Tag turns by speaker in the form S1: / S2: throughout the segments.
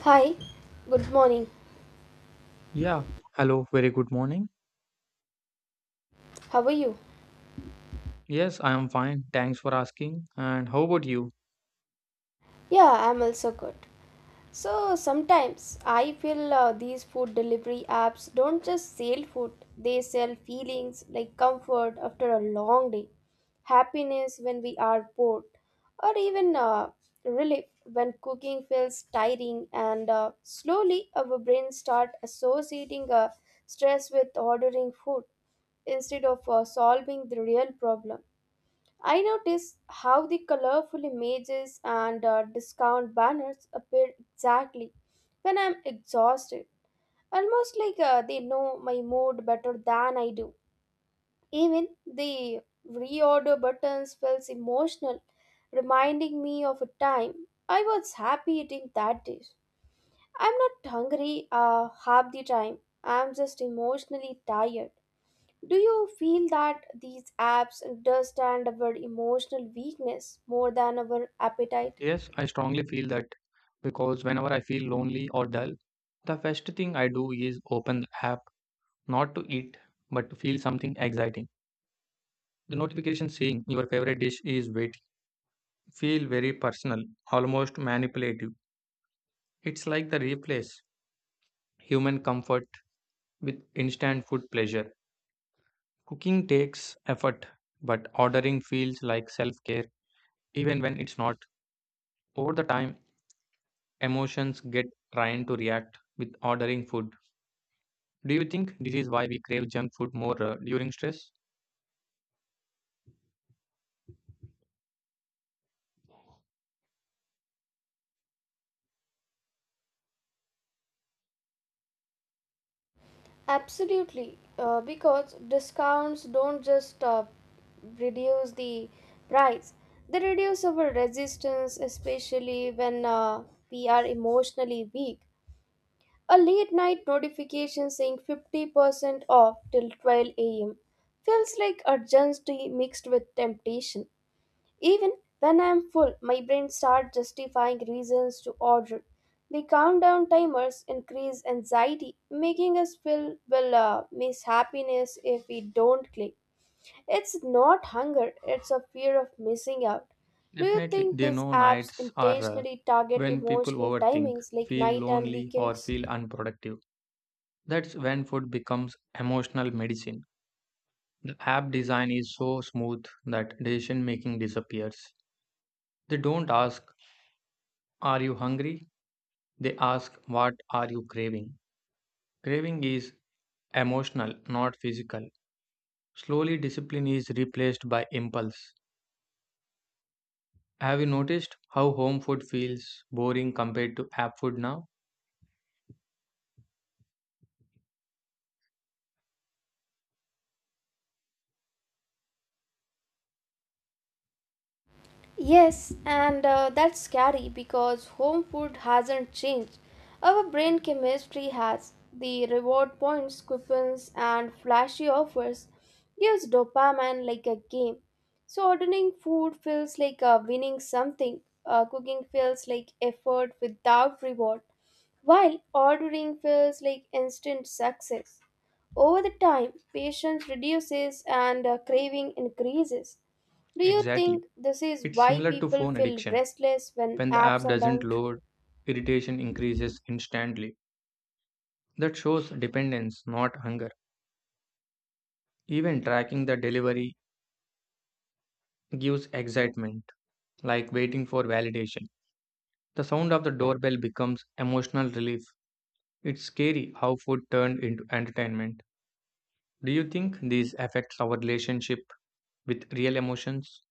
S1: Hi, good morning.
S2: Yeah, hello, very good morning.
S1: How are you?
S2: Yes, I am fine. Thanks for asking. And how about you?
S1: Yeah, I'm also good. So sometimes I feel these food delivery apps don't just sell food, they sell feelings like comfort after a long day, happiness when we are bored, or even relief when cooking feels tiring and slowly our brains start associating stress with ordering food instead of solving the real problem. I notice how the colorful images and discount banners appear exactly when I'm exhausted, almost like they know my mood better than I do. Even the reorder buttons feels emotional, reminding me of a time I was happy eating that dish. I'm not hungry half the time. I'm just emotionally tired. Do you feel that these apps understand our emotional weakness more than our appetite?
S2: Yes, I strongly feel that because whenever I feel lonely or dull, the first thing I do is open the app, not to eat, but to feel something exciting. The notification saying your favorite dish is waiting feel very personal, almost manipulative. It's like the replace human comfort with instant food pleasure. Cooking takes effort, but ordering feels like self-care even when it's not. Over the time, emotions get trained to react with ordering food. Do you think this is why we crave junk food more during stress?
S1: Absolutely, because discounts don't just reduce the price, they reduce our resistance, especially when we are emotionally weak. A late night notification saying 50% off till 12 a.m. feels like urgency mixed with temptation. Even when I am full, my brain starts justifying reasons to order. The countdown timers increase anxiety, making us feel will miss happiness if we don't click. It's not hunger, it's a fear of missing out. Do you
S2: Definitely.
S1: think
S2: There
S1: these
S2: know
S1: apps
S2: nights are
S1: intentionally target
S2: when people
S1: emotional
S2: overthink,
S1: timings like
S2: feel
S1: night and
S2: lonely, or
S1: weekends?
S2: feel unproductive. That's when food becomes emotional medicine. The app design is so smooth that decision making disappears. They don't ask, are you hungry? They ask, what are you craving? Craving is emotional, not physical. Slowly, discipline is replaced by impulse. Have you noticed how home food feels boring compared to app food now?
S1: Yes, and that's scary because home food hasn't changed. Our brain chemistry has. The reward points, coupons, and flashy offers gives dopamine like a game. So ordering food feels like winning something. Cooking feels like effort without reward, while ordering feels like instant success. Over the time, patience reduces and craving increases. Do you
S2: Exactly.
S1: think this is
S2: It's
S1: why
S2: similar to
S1: people
S2: phone
S1: feel
S2: addiction.
S1: restless when
S2: When the
S1: apps
S2: app
S1: are
S2: doesn't
S1: down?
S2: load, irritation increases instantly. That shows dependence, not hunger. Even tracking the delivery gives excitement, like waiting for validation. The sound of the doorbell becomes emotional relief. It's scary how food turned into entertainment. Do you think these affects our relationship with real emotions?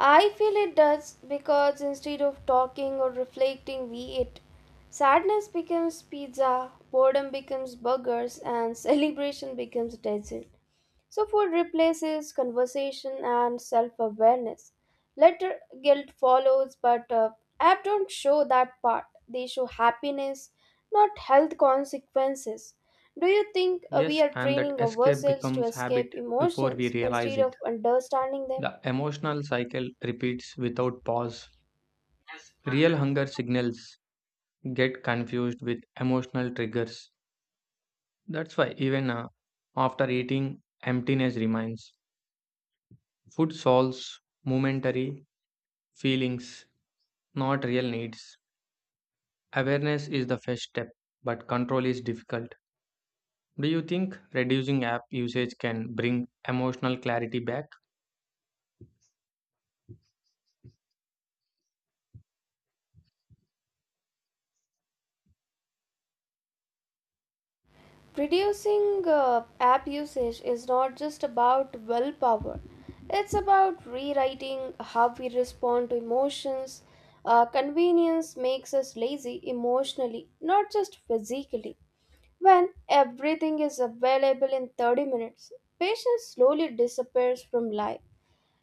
S1: I feel it does because instead of talking or reflecting, we eat. Sadness becomes pizza, boredom becomes burgers, and celebration becomes dessert. So, food replaces conversation and self awareness. Later, guilt follows, but app don't show that part. They show happiness, not health consequences. Do you think we
S2: Yes,
S1: are
S2: and that
S1: training
S2: escape
S1: ourselves to
S2: becomes
S1: escape
S2: habit before we
S1: emotions
S2: realize
S1: instead of
S2: it.
S1: understanding them?
S2: The emotional cycle repeats without pause. Real hunger signals get confused with emotional triggers. That's why even after eating, emptiness remains. Food solves momentary feelings, not real needs. Awareness is the first step, but control is difficult. Do you think reducing app usage can bring emotional clarity back?
S1: Reducing app usage is not just about willpower, it's about rewriting how we respond to emotions. Convenience makes us lazy emotionally, not just physically. When everything is available in 30 minutes, patience slowly disappears from life.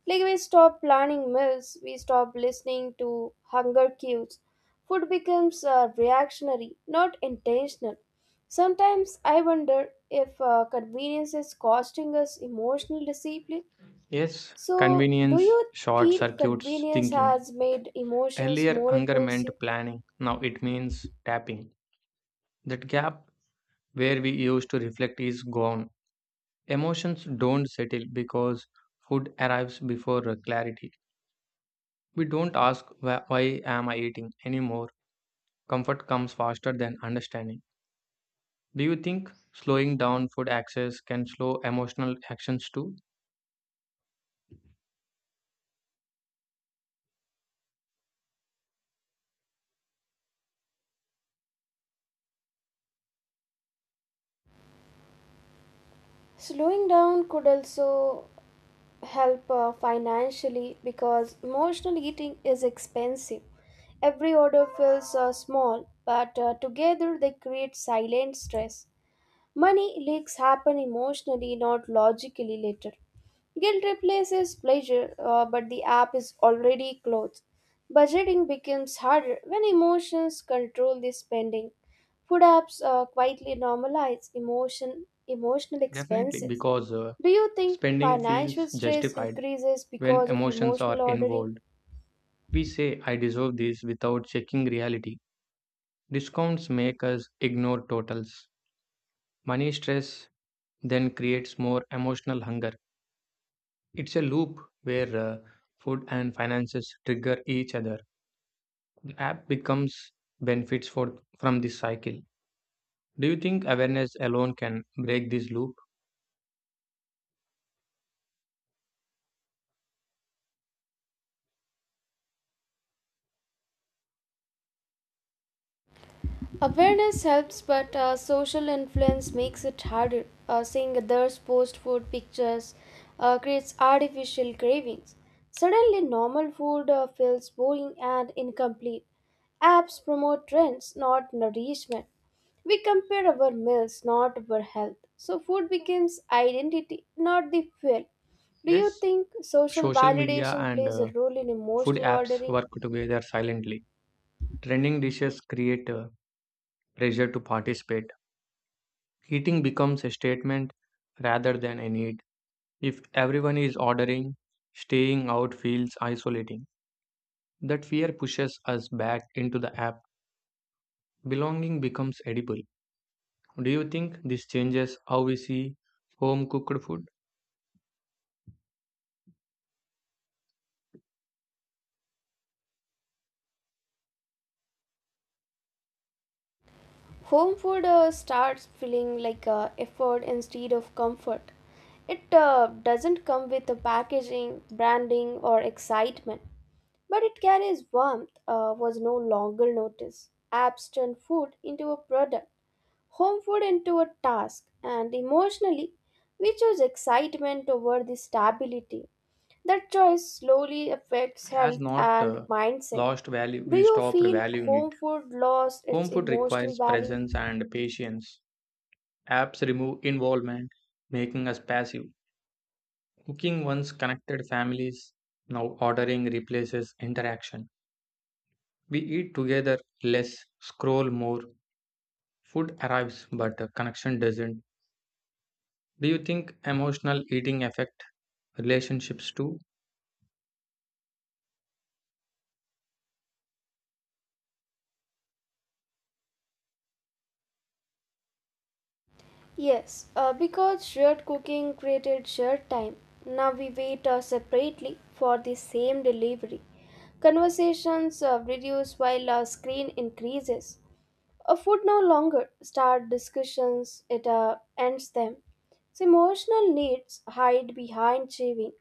S1: Like we stop planning meals, we stop listening to hunger cues. Food becomes reactionary, not intentional. Sometimes I wonder if convenience is costing us emotional discipline.
S2: Yes,
S1: So, do
S2: convenience
S1: you
S2: short
S1: feel
S2: circuits
S1: convenience
S2: thinking.
S1: has made emotions
S2: Earlier,
S1: more
S2: hunger meant
S1: impulsive?
S2: planning, now it means tapping. That gap where we used to reflect is gone. Emotions don't settle because food arrives before clarity. We don't ask, "Why am I eating anymore. Comfort comes faster than understanding. Do you think slowing down food access can slow emotional actions too?
S1: Slowing down could also help financially because emotional eating is expensive. Every order feels small, but together they create silent stress. Money leaks happen emotionally, not logically later. Guilt replaces pleasure, but the app is already closed. Budgeting becomes harder when emotions control the spending. Food apps quietly normalize emotional
S2: Definitely,
S1: expenses.
S2: because
S1: Do you think
S2: spending
S1: financial
S2: feels
S1: stress
S2: justified
S1: increases
S2: when
S1: because of
S2: emotions are
S1: emotional ordering?
S2: involved. We say, I deserve this without checking reality. Discounts make us ignore totals. Money stress then creates more emotional hunger. It's a loop where food and finances trigger each other. The app becomes benefits for, from this cycle. Do you think awareness alone can break this loop?
S1: Awareness helps, but social influence makes it harder. Seeing others post food pictures creates artificial cravings. Suddenly, normal food feels boring and incomplete. Apps promote trends, not nourishment. We compare our meals, not our health. So, food becomes identity, not the fuel. Do you
S2: Yes.
S1: think social
S2: Social media
S1: validation
S2: and
S1: plays a role in
S2: food
S1: emotional
S2: apps
S1: ordering?
S2: work together silently. Trending dishes create a pressure to participate. Eating becomes a statement rather than a need. If everyone is ordering, staying out feels isolating. That fear pushes us back into the app. Belonging becomes edible. Do you think this changes how we see home cooked food?
S1: Home food starts feeling like effort instead of comfort. It doesn't come with the packaging, branding, or excitement, but it carries warmth, was no longer noticed. Apps turn food into a product, home food into a task, and emotionally, we choose excitement over the stability. That choice slowly affects
S2: It has
S1: health
S2: not
S1: and mindset.
S2: lost value,
S1: Do
S2: we
S1: you
S2: stopped
S1: feel
S2: valuing it.
S1: home food lost its
S2: Home food
S1: emotional
S2: requires
S1: value?
S2: presence and patience. Apps remove involvement, making us passive. Cooking once connected families, now ordering replaces interaction. We eat together less, scroll more, food arrives but connection doesn't. Do you think emotional eating affect relationships too?
S1: Yes, because shared cooking created shared time. Now we wait separately for the same delivery. Conversations reduce while our screen increases. A food no longer start discussions, it ends them. So emotional needs hide behind craving.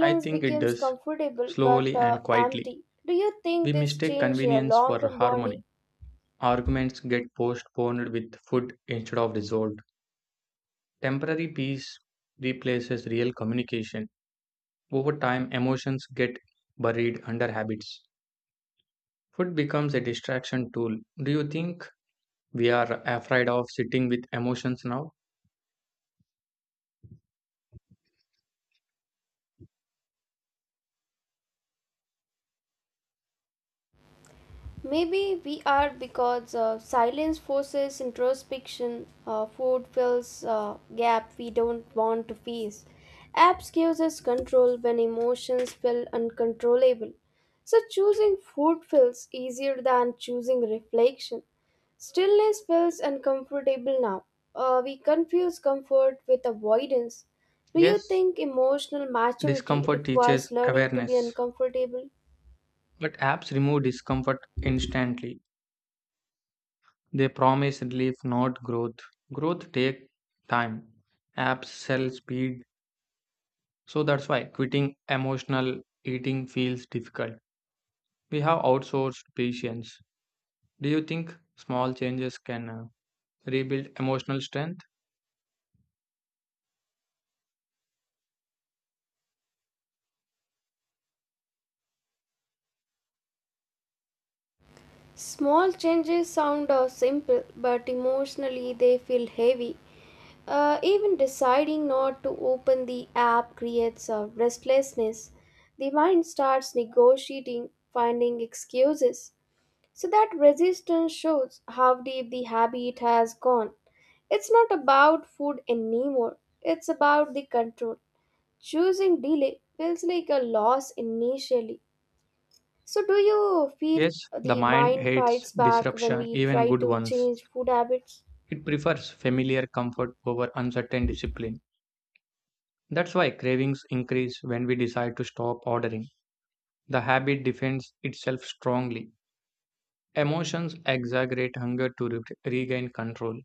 S2: I think it
S1: becomes
S2: does,
S1: comfortable but
S2: slowly and quietly.
S1: empty. Do you think
S2: We
S1: this
S2: mistake
S1: changed
S2: convenience
S1: long
S2: for
S1: term bonding?
S2: harmony. Arguments get postponed with food instead of resolved. Temporary peace replaces real communication. Over time, emotions get buried under habits. Food becomes a distraction tool. Do you think we are afraid of sitting with emotions now?
S1: Maybe we are because silence forces introspection. Food fills gap we don't want to face. Apps gives us control when emotions feel uncontrollable. So choosing food feels easier than choosing reflection. Stillness feels uncomfortable now. We confuse comfort with avoidance. Do you
S2: Yes,
S1: think emotional maturity
S2: discomfort teaches
S1: requires learning to be
S2: awareness,
S1: uncomfortable?
S2: but apps remove discomfort instantly. They promise relief, not growth. Growth takes time. Apps sell speed, so that's why quitting emotional eating feels difficult. We have outsourced patience. Do you think small changes can rebuild emotional strength?
S1: Small changes sound simple, but emotionally they feel heavy. Even deciding not to open the app creates a restlessness. The mind starts negotiating, finding excuses. So that resistance shows how deep the habit has gone. It's not about food anymore, it's about the control. Choosing delay feels like a loss initially. So, do you feel
S2: Yes, the
S1: the
S2: mind
S1: mind
S2: hates
S1: fights back when
S2: disruption,
S1: we
S2: even
S1: try
S2: good
S1: to
S2: ones.
S1: change food habits?
S2: It prefers familiar comfort over uncertain discipline. That's why cravings increase when we decide to stop ordering. The habit defends itself strongly. Emotions exaggerate hunger to regain control.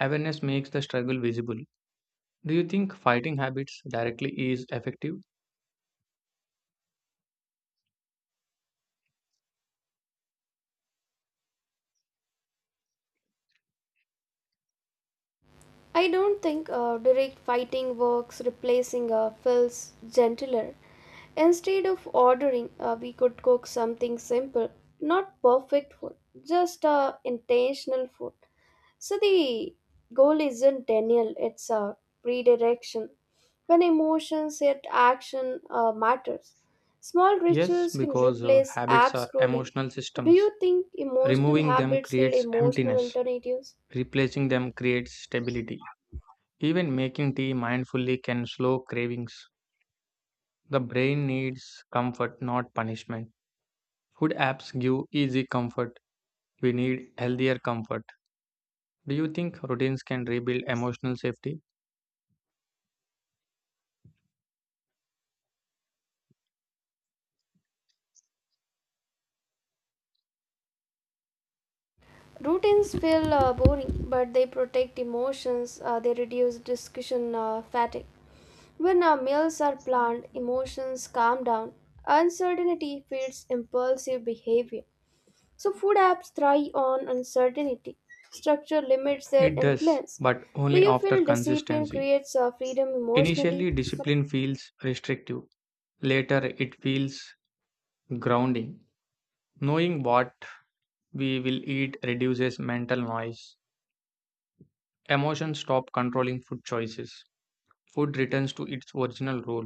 S2: Awareness makes the struggle visible. Do you think fighting habits directly is effective?
S1: I don't think direct fighting works, replacing feels gentler. Instead of ordering, we could cook something simple, not perfect food, just intentional food. So the goal isn't denial, it's a redirection. When emotions yet action matters, small
S2: Yes,
S1: rituals can
S2: because
S1: replace
S2: habits
S1: app
S2: are
S1: scrolling.
S2: emotional
S1: Do
S2: systems.
S1: you think emotional
S2: Removing them
S1: habits need
S2: creates
S1: emotional
S2: emptiness.
S1: alternatives?
S2: Replacing them creates stability. Even making tea mindfully can slow cravings. The brain needs comfort, not punishment. Food apps give easy comfort. We need healthier comfort. Do you think routines can rebuild emotional safety?
S1: Routines feel boring, but they protect emotions, they reduce discussion fatigue. When our meals are planned, emotions calm down. Uncertainty feeds impulsive behavior. So, food apps thrive on uncertainty. Structure limits their
S2: It does,
S1: influence.
S2: but
S1: Do
S2: only
S1: you
S2: after
S1: feel discipline
S2: consistency.
S1: creates freedom emotionally?
S2: Initially, discipline feels restrictive. Later, it feels grounding. Knowing what we will eat reduces mental noise. Emotions stop controlling food choices. Food returns to its original role.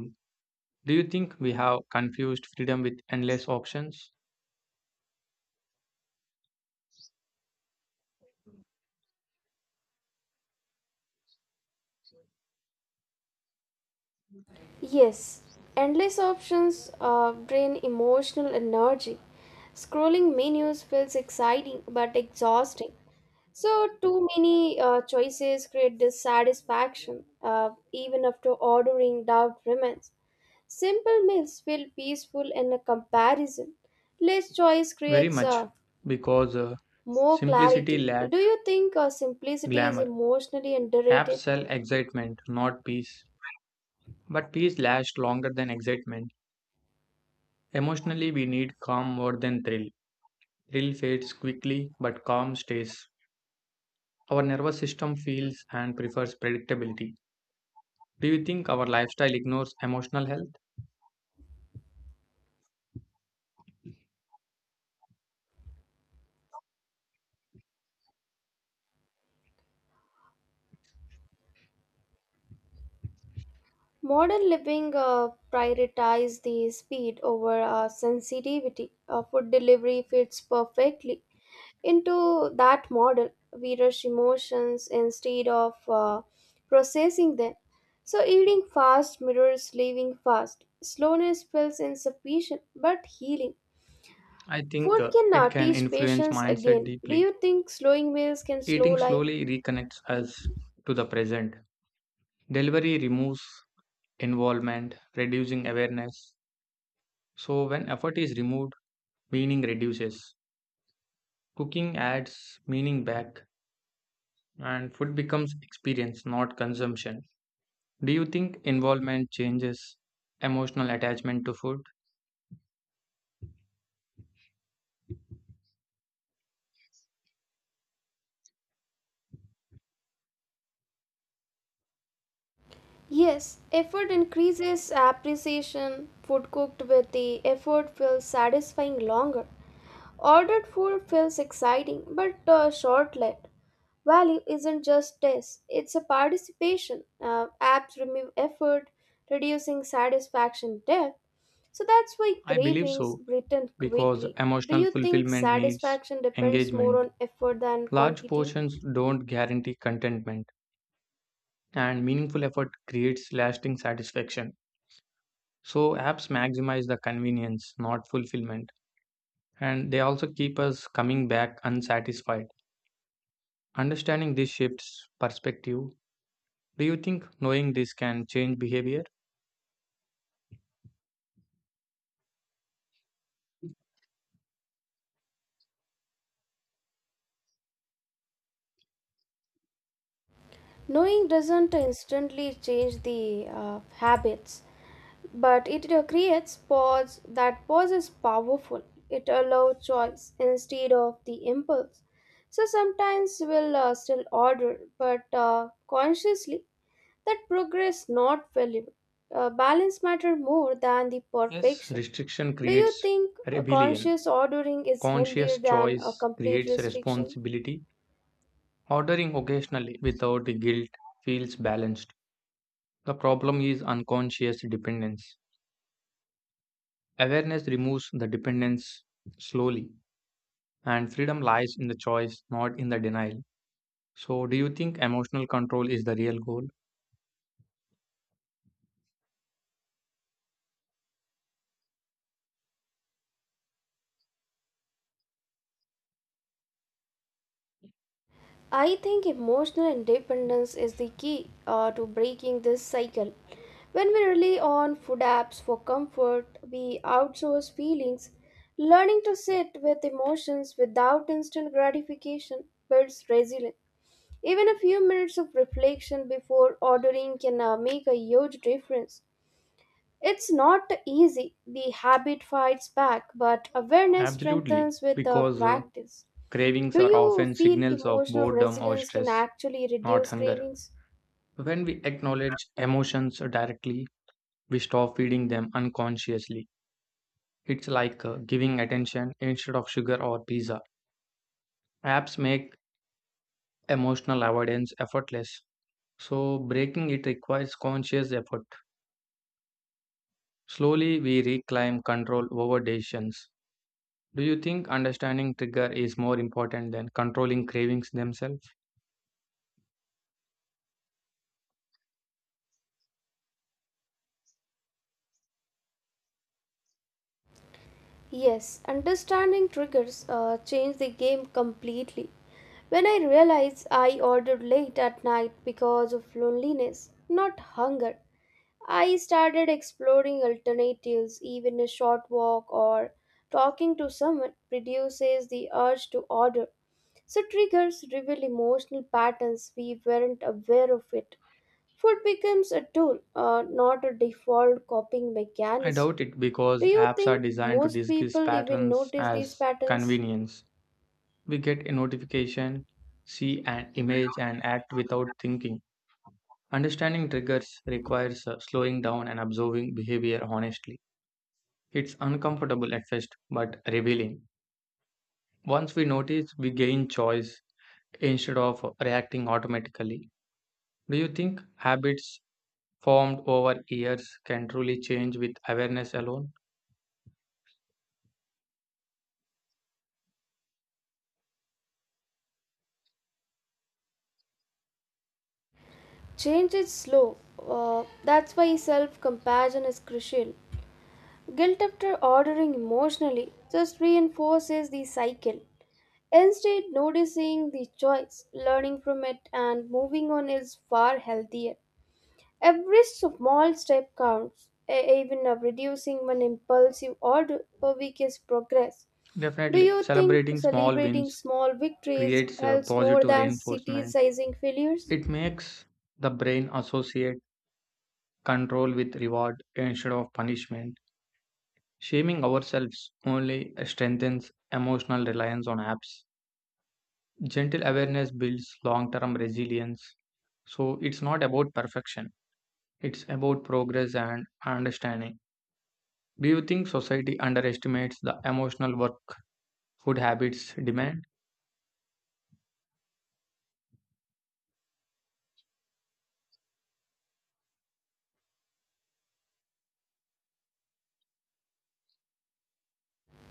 S2: Do you think we have confused freedom with endless options?
S1: Yes. Endless options drain emotional energy. Scrolling menus feels exciting but exhausting. So, too many choices create dissatisfaction, even after ordering doubt remains. Simple meals feel peaceful in a comparison. Less choice
S2: Very
S1: creates
S2: much, because
S1: more
S2: simplicity
S1: clarity.
S2: lack
S1: Do you think simplicity is
S2: glamour.
S1: emotionally
S2: Apps
S1: underrated?
S2: sell excitement, not peace. But peace lasts longer than excitement. Emotionally, we need calm more than thrill. Thrill fades quickly, but calm stays. Our nervous system feels and prefers predictability. Do you think our lifestyle ignores emotional health?
S1: Modern living prioritize the speed over sensitivity. Food delivery fits perfectly into that model. We rush emotions instead of processing them. So eating fast mirrors living fast. Slowness feels insufficient but healing.
S2: I think
S1: Food can
S2: it can
S1: teach
S2: influence
S1: patience
S2: mindset
S1: again. Do
S2: deeply.
S1: you think slowing meals can slow
S2: Eating
S1: life?
S2: slowly reconnects us to the present. Delivery removes involvement, reducing awareness. So, when effort is removed, meaning reduces. Cooking adds meaning back, and food becomes experience, not consumption. Do you think involvement changes emotional attachment to food?
S1: Yes, effort increases appreciation. Food cooked with the effort feels satisfying longer. Ordered food feels exciting but short-lived. Value isn't just taste; it's a participation. Apps remove effort, reducing satisfaction depth. So that's why
S2: I believe
S1: cravings
S2: so,
S1: return
S2: because
S1: quickly. Do
S2: emotional
S1: you think
S2: fulfillment needs
S1: satisfaction depends more
S2: engagement.
S1: on effort than
S2: Large
S1: quantity?
S2: portions don't guarantee contentment, and meaningful effort creates lasting satisfaction. So apps maximize the convenience, not fulfillment, and they also keep us coming back unsatisfied. Understanding this shifts perspective. Do you think knowing this can change behavior?
S1: Knowing doesn't instantly change the habits. But it creates pause. That pause is powerful. It allows choice instead of the impulse. So sometimes we'll still order but consciously. That progress not failure. Balance matter more than the
S2: Yes,
S1: perfection.
S2: restriction
S1: Do you
S2: creates
S1: think a
S2: rebellion.
S1: conscious ordering is healthier
S2: Conscious
S1: than a
S2: choice
S1: complete
S2: creates
S1: restriction?
S2: responsibility. Ordering occasionally without guilt feels balanced. The problem is unconscious dependence. Awareness removes the dependence slowly, and freedom lies in the choice, not in the denial. So, do you think emotional control is the real goal?
S1: I think emotional independence is the key to breaking this cycle. When we rely on food apps for comfort, we outsource feelings. Learning to sit with emotions without instant gratification builds resilience. Even a few minutes of reflection before ordering can make a huge difference. It's not easy. The habit fights back, but awareness
S2: Absolutely,
S1: strengthens with
S2: because
S1: practice.
S2: cravings
S1: Do
S2: are
S1: you
S2: often
S1: feel
S2: signals of
S1: emotional
S2: boredom or
S1: resilience can
S2: stress,
S1: actually
S2: not
S1: reduce
S2: hunger.
S1: cravings?
S2: When we acknowledge emotions directly, we stop feeding them unconsciously. It's like giving attention instead of sugar or pizza. Apps make emotional avoidance effortless, so breaking it requires conscious effort. Slowly, we reclaim control over decisions. Do you think understanding trigger is more important than controlling cravings themselves?
S1: Yes, understanding triggers change the game completely. When I realized I ordered late at night because of loneliness, not hunger, I started exploring alternatives, even a short walk or talking to someone reduces the urge to order. So, triggers reveal emotional patterns we weren't aware of it. Food becomes a tool, not a default coping
S2: I
S1: mechanism.
S2: doubt it
S1: Do
S2: because
S1: you
S2: apps are
S1: think
S2: designed to
S1: most
S2: disguise
S1: people even
S2: patterns
S1: notice these
S2: as
S1: patterns?
S2: convenience. We get a notification, see an image, and act without thinking. Understanding triggers requires slowing down and observing behavior honestly. It's uncomfortable at first, but revealing. Once we notice, we gain choice instead of reacting automatically. Do you think habits formed over years can truly change with awareness alone?
S1: Change is slow. That's why self compassion is crucial. Guilt after ordering emotionally just reinforces the cycle. Instead, noticing the choice, learning from it, and moving on is far healthier. Every small step counts, even of reducing one impulsive order per week is progress. Do
S2: Definitely,
S1: you think
S2: celebrating small
S1: celebrating
S2: wins
S1: small victories
S2: creates a
S1: helps more
S2: positive
S1: than city
S2: reinforcement.
S1: sizing failures?
S2: It makes the brain associate control with reward instead of punishment. Shaming ourselves only strengthens emotional reliance on apps. Gentle awareness builds long term resilience. So, it's not about perfection, it's about progress and understanding. Do you think society underestimates the emotional work food habits demand?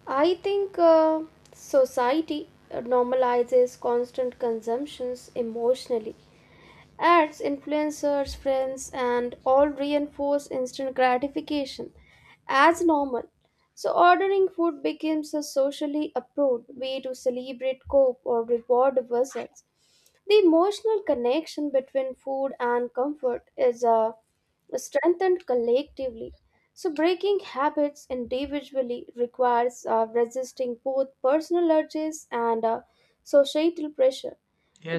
S1: I think society normalizes constant consumptions emotionally. Ads, influencers, friends, and all reinforce instant gratification as normal. So, ordering food becomes a socially approved way to celebrate, cope, or reward results. The emotional connection between food and comfort is strengthened collectively. So, breaking habits individually requires resisting both personal urges and societal pressure.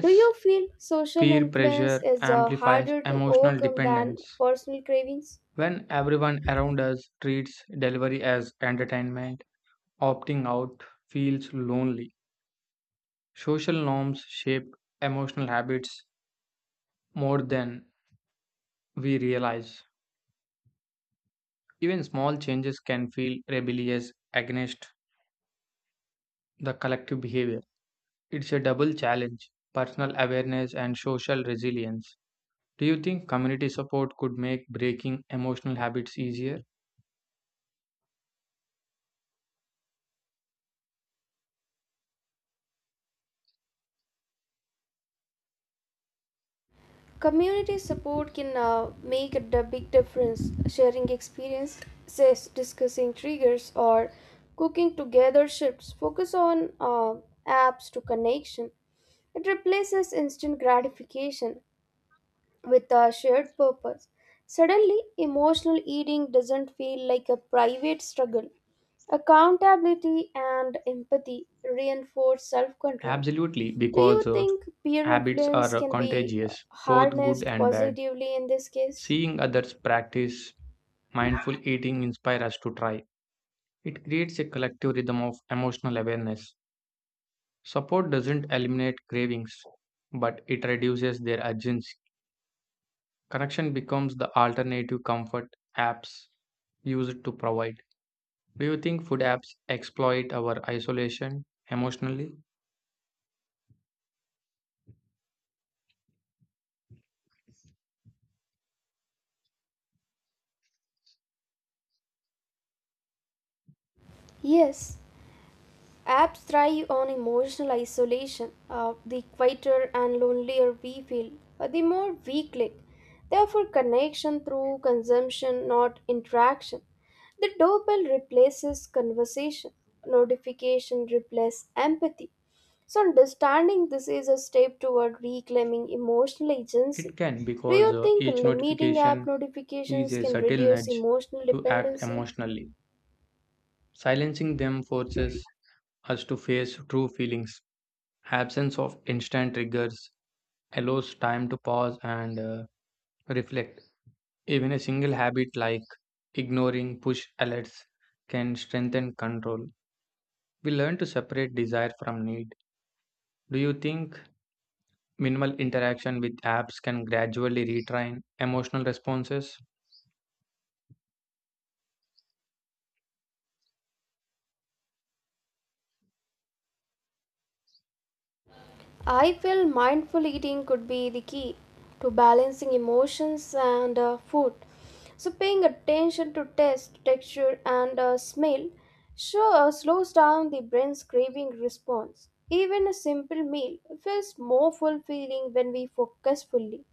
S1: Do you feel social
S2: peer
S1: influence
S2: pressure
S1: is
S2: amplifies
S1: harder to
S2: emotional
S1: overcome than
S2: dependence.
S1: personal cravings?
S2: When everyone around us treats delivery as entertainment, opting out feels lonely. Social norms shape emotional habits more than we realize. Even small changes can feel rebellious against the collective behavior. It's a double challenge, personal awareness and social resilience. Do you think community support could make breaking emotional habits easier?
S1: Community support can make a big difference. Sharing experiences, discussing triggers, or cooking together shifts focus on apps to connection. It replaces instant gratification with a shared purpose. Suddenly, emotional eating doesn't feel like a private struggle. Accountability and empathy reinforce self control.
S2: Absolutely,
S1: Do
S2: because
S1: you think peer
S2: habits are
S1: influence can be
S2: contagious, both good
S1: harnessed
S2: and bad.
S1: positively in this case?
S2: Seeing others practice mindful eating inspires us to try. It creates a collective rhythm of emotional awareness. Support doesn't eliminate cravings, but it reduces their urgency. Connection becomes the alternative comfort apps use it to provide. Do you think food apps exploit our isolation emotionally?
S1: Yes, apps thrive on emotional isolation. The quieter and lonelier we feel, the more we click. Therefore, connection through consumption, not interaction. The doorbell replaces conversation, notification replaces empathy. So, understanding this is a step toward reclaiming emotional agency.
S2: It can
S1: Do
S2: because
S1: you think
S2: each
S1: limiting app
S2: notification is
S1: notifications
S2: a
S1: can
S2: subtle
S1: reduce
S2: nudge
S1: emotional
S2: to act
S1: dependency?
S2: emotionally. Silencing them forces us to face true feelings. Absence of instant triggers allows time to pause and reflect. Even a single habit like ignoring push alerts can strengthen control. We learn to separate desire from need. Do you think minimal interaction with apps can gradually retrain emotional responses?
S1: I feel mindful eating could be the key to balancing emotions and food. So, paying attention to taste, texture, and smell sure slows down the brain's craving response. Even a simple meal feels more fulfilling when we focus fully.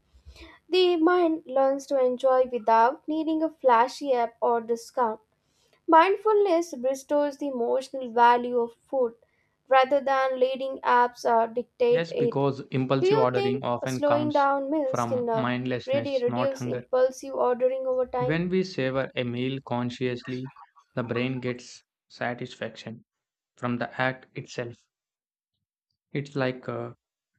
S1: The mind learns to enjoy without needing a flashy app or discount. Mindfulness restores the emotional value of food rather than letting apps dictate
S2: Yes,
S1: it.
S2: because
S1: Do
S2: impulsive
S1: you
S2: ordering
S1: think
S2: often
S1: slowing
S2: comes
S1: down meals can
S2: from
S1: really
S2: mindlessness, not
S1: reduce
S2: hunger.
S1: impulsive ordering over time?
S2: When we savor a meal consciously, the brain gets satisfaction from the act itself. It's like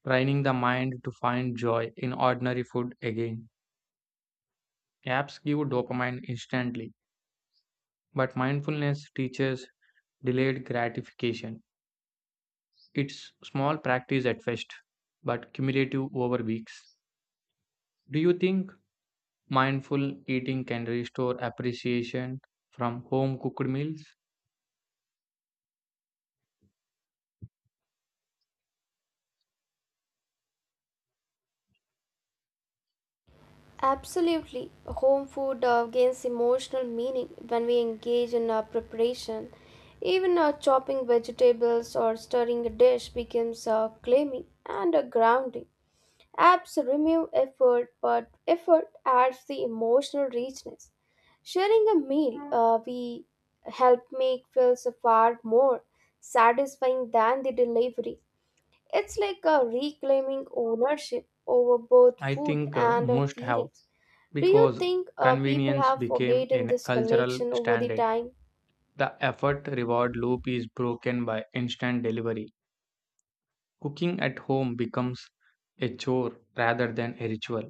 S2: training the mind to find joy in ordinary food again. Apps give dopamine instantly, but mindfulness teaches delayed gratification. It's small practice at first, but cumulative over weeks. Do you think mindful eating can restore appreciation from home cooked meals?
S1: Absolutely. Home food gains emotional meaning when we engage in preparation. Even chopping vegetables or stirring a dish becomes claiming and grounding. Apps remove effort, but effort adds the emotional richness. Sharing a meal, we help make feels far more satisfying than the delivery. It's like a reclaiming ownership over both
S2: I
S1: food
S2: think
S1: and
S2: most have
S1: feelings. Do you
S2: because
S1: think people
S2: convenience
S1: have
S2: became
S1: forgotten
S2: a
S1: this
S2: cultural
S1: connection over the
S2: standard.
S1: time?
S2: The effort reward loop is broken by instant delivery. Cooking at home becomes a chore rather than a ritual.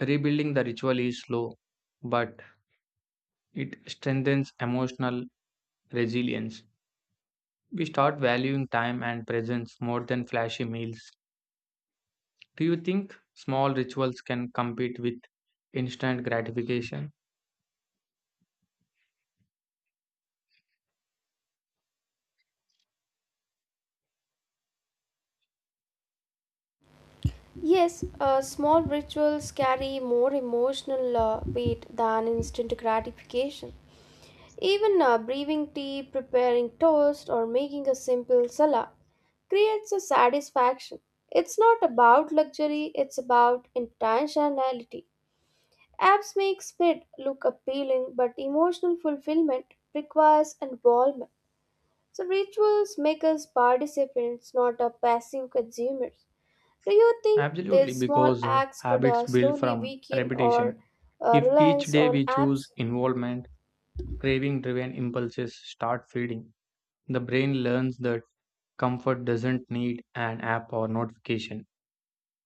S2: Rebuilding the ritual is slow, but it strengthens emotional resilience. We start valuing time and presence more than flashy meals. Do you think small rituals can compete with instant gratification?
S1: Yes, small rituals carry more emotional weight than instant gratification. Even brewing tea, preparing toast, or making a simple salad creates a satisfaction. It's not about luxury, it's about intentionality. Apps make split look appealing, but emotional fulfillment requires involvement. So, rituals make us participants, not a passive consumers. Do you think
S2: Absolutely,
S1: these small
S2: because
S1: acts could
S2: habits build
S1: slowly
S2: from
S1: weaken or
S2: repetition. If each
S1: reliance
S2: day
S1: on
S2: we choose
S1: apps?
S2: involvement, craving driven impulses start feeding. The brain learns that comfort doesn't need an app or notification.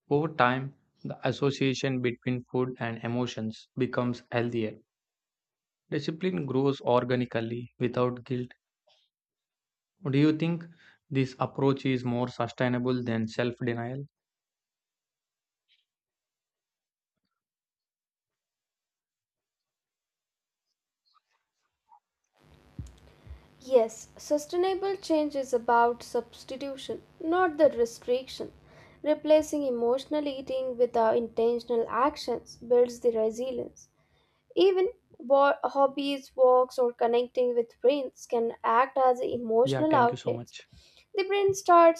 S2: Over time, the association between food and emotions becomes healthier. Discipline grows organically without guilt. Do you think this approach is more sustainable than self denial?
S1: Yes, sustainable change is about substitution, not the restriction. Replacing emotional eating with our intentional actions builds the resilience. Even hobbies, walks, or connecting with friends can act as
S2: Yeah,
S1: emotional
S2: thank you so
S1: outlets.
S2: much.
S1: The brain starts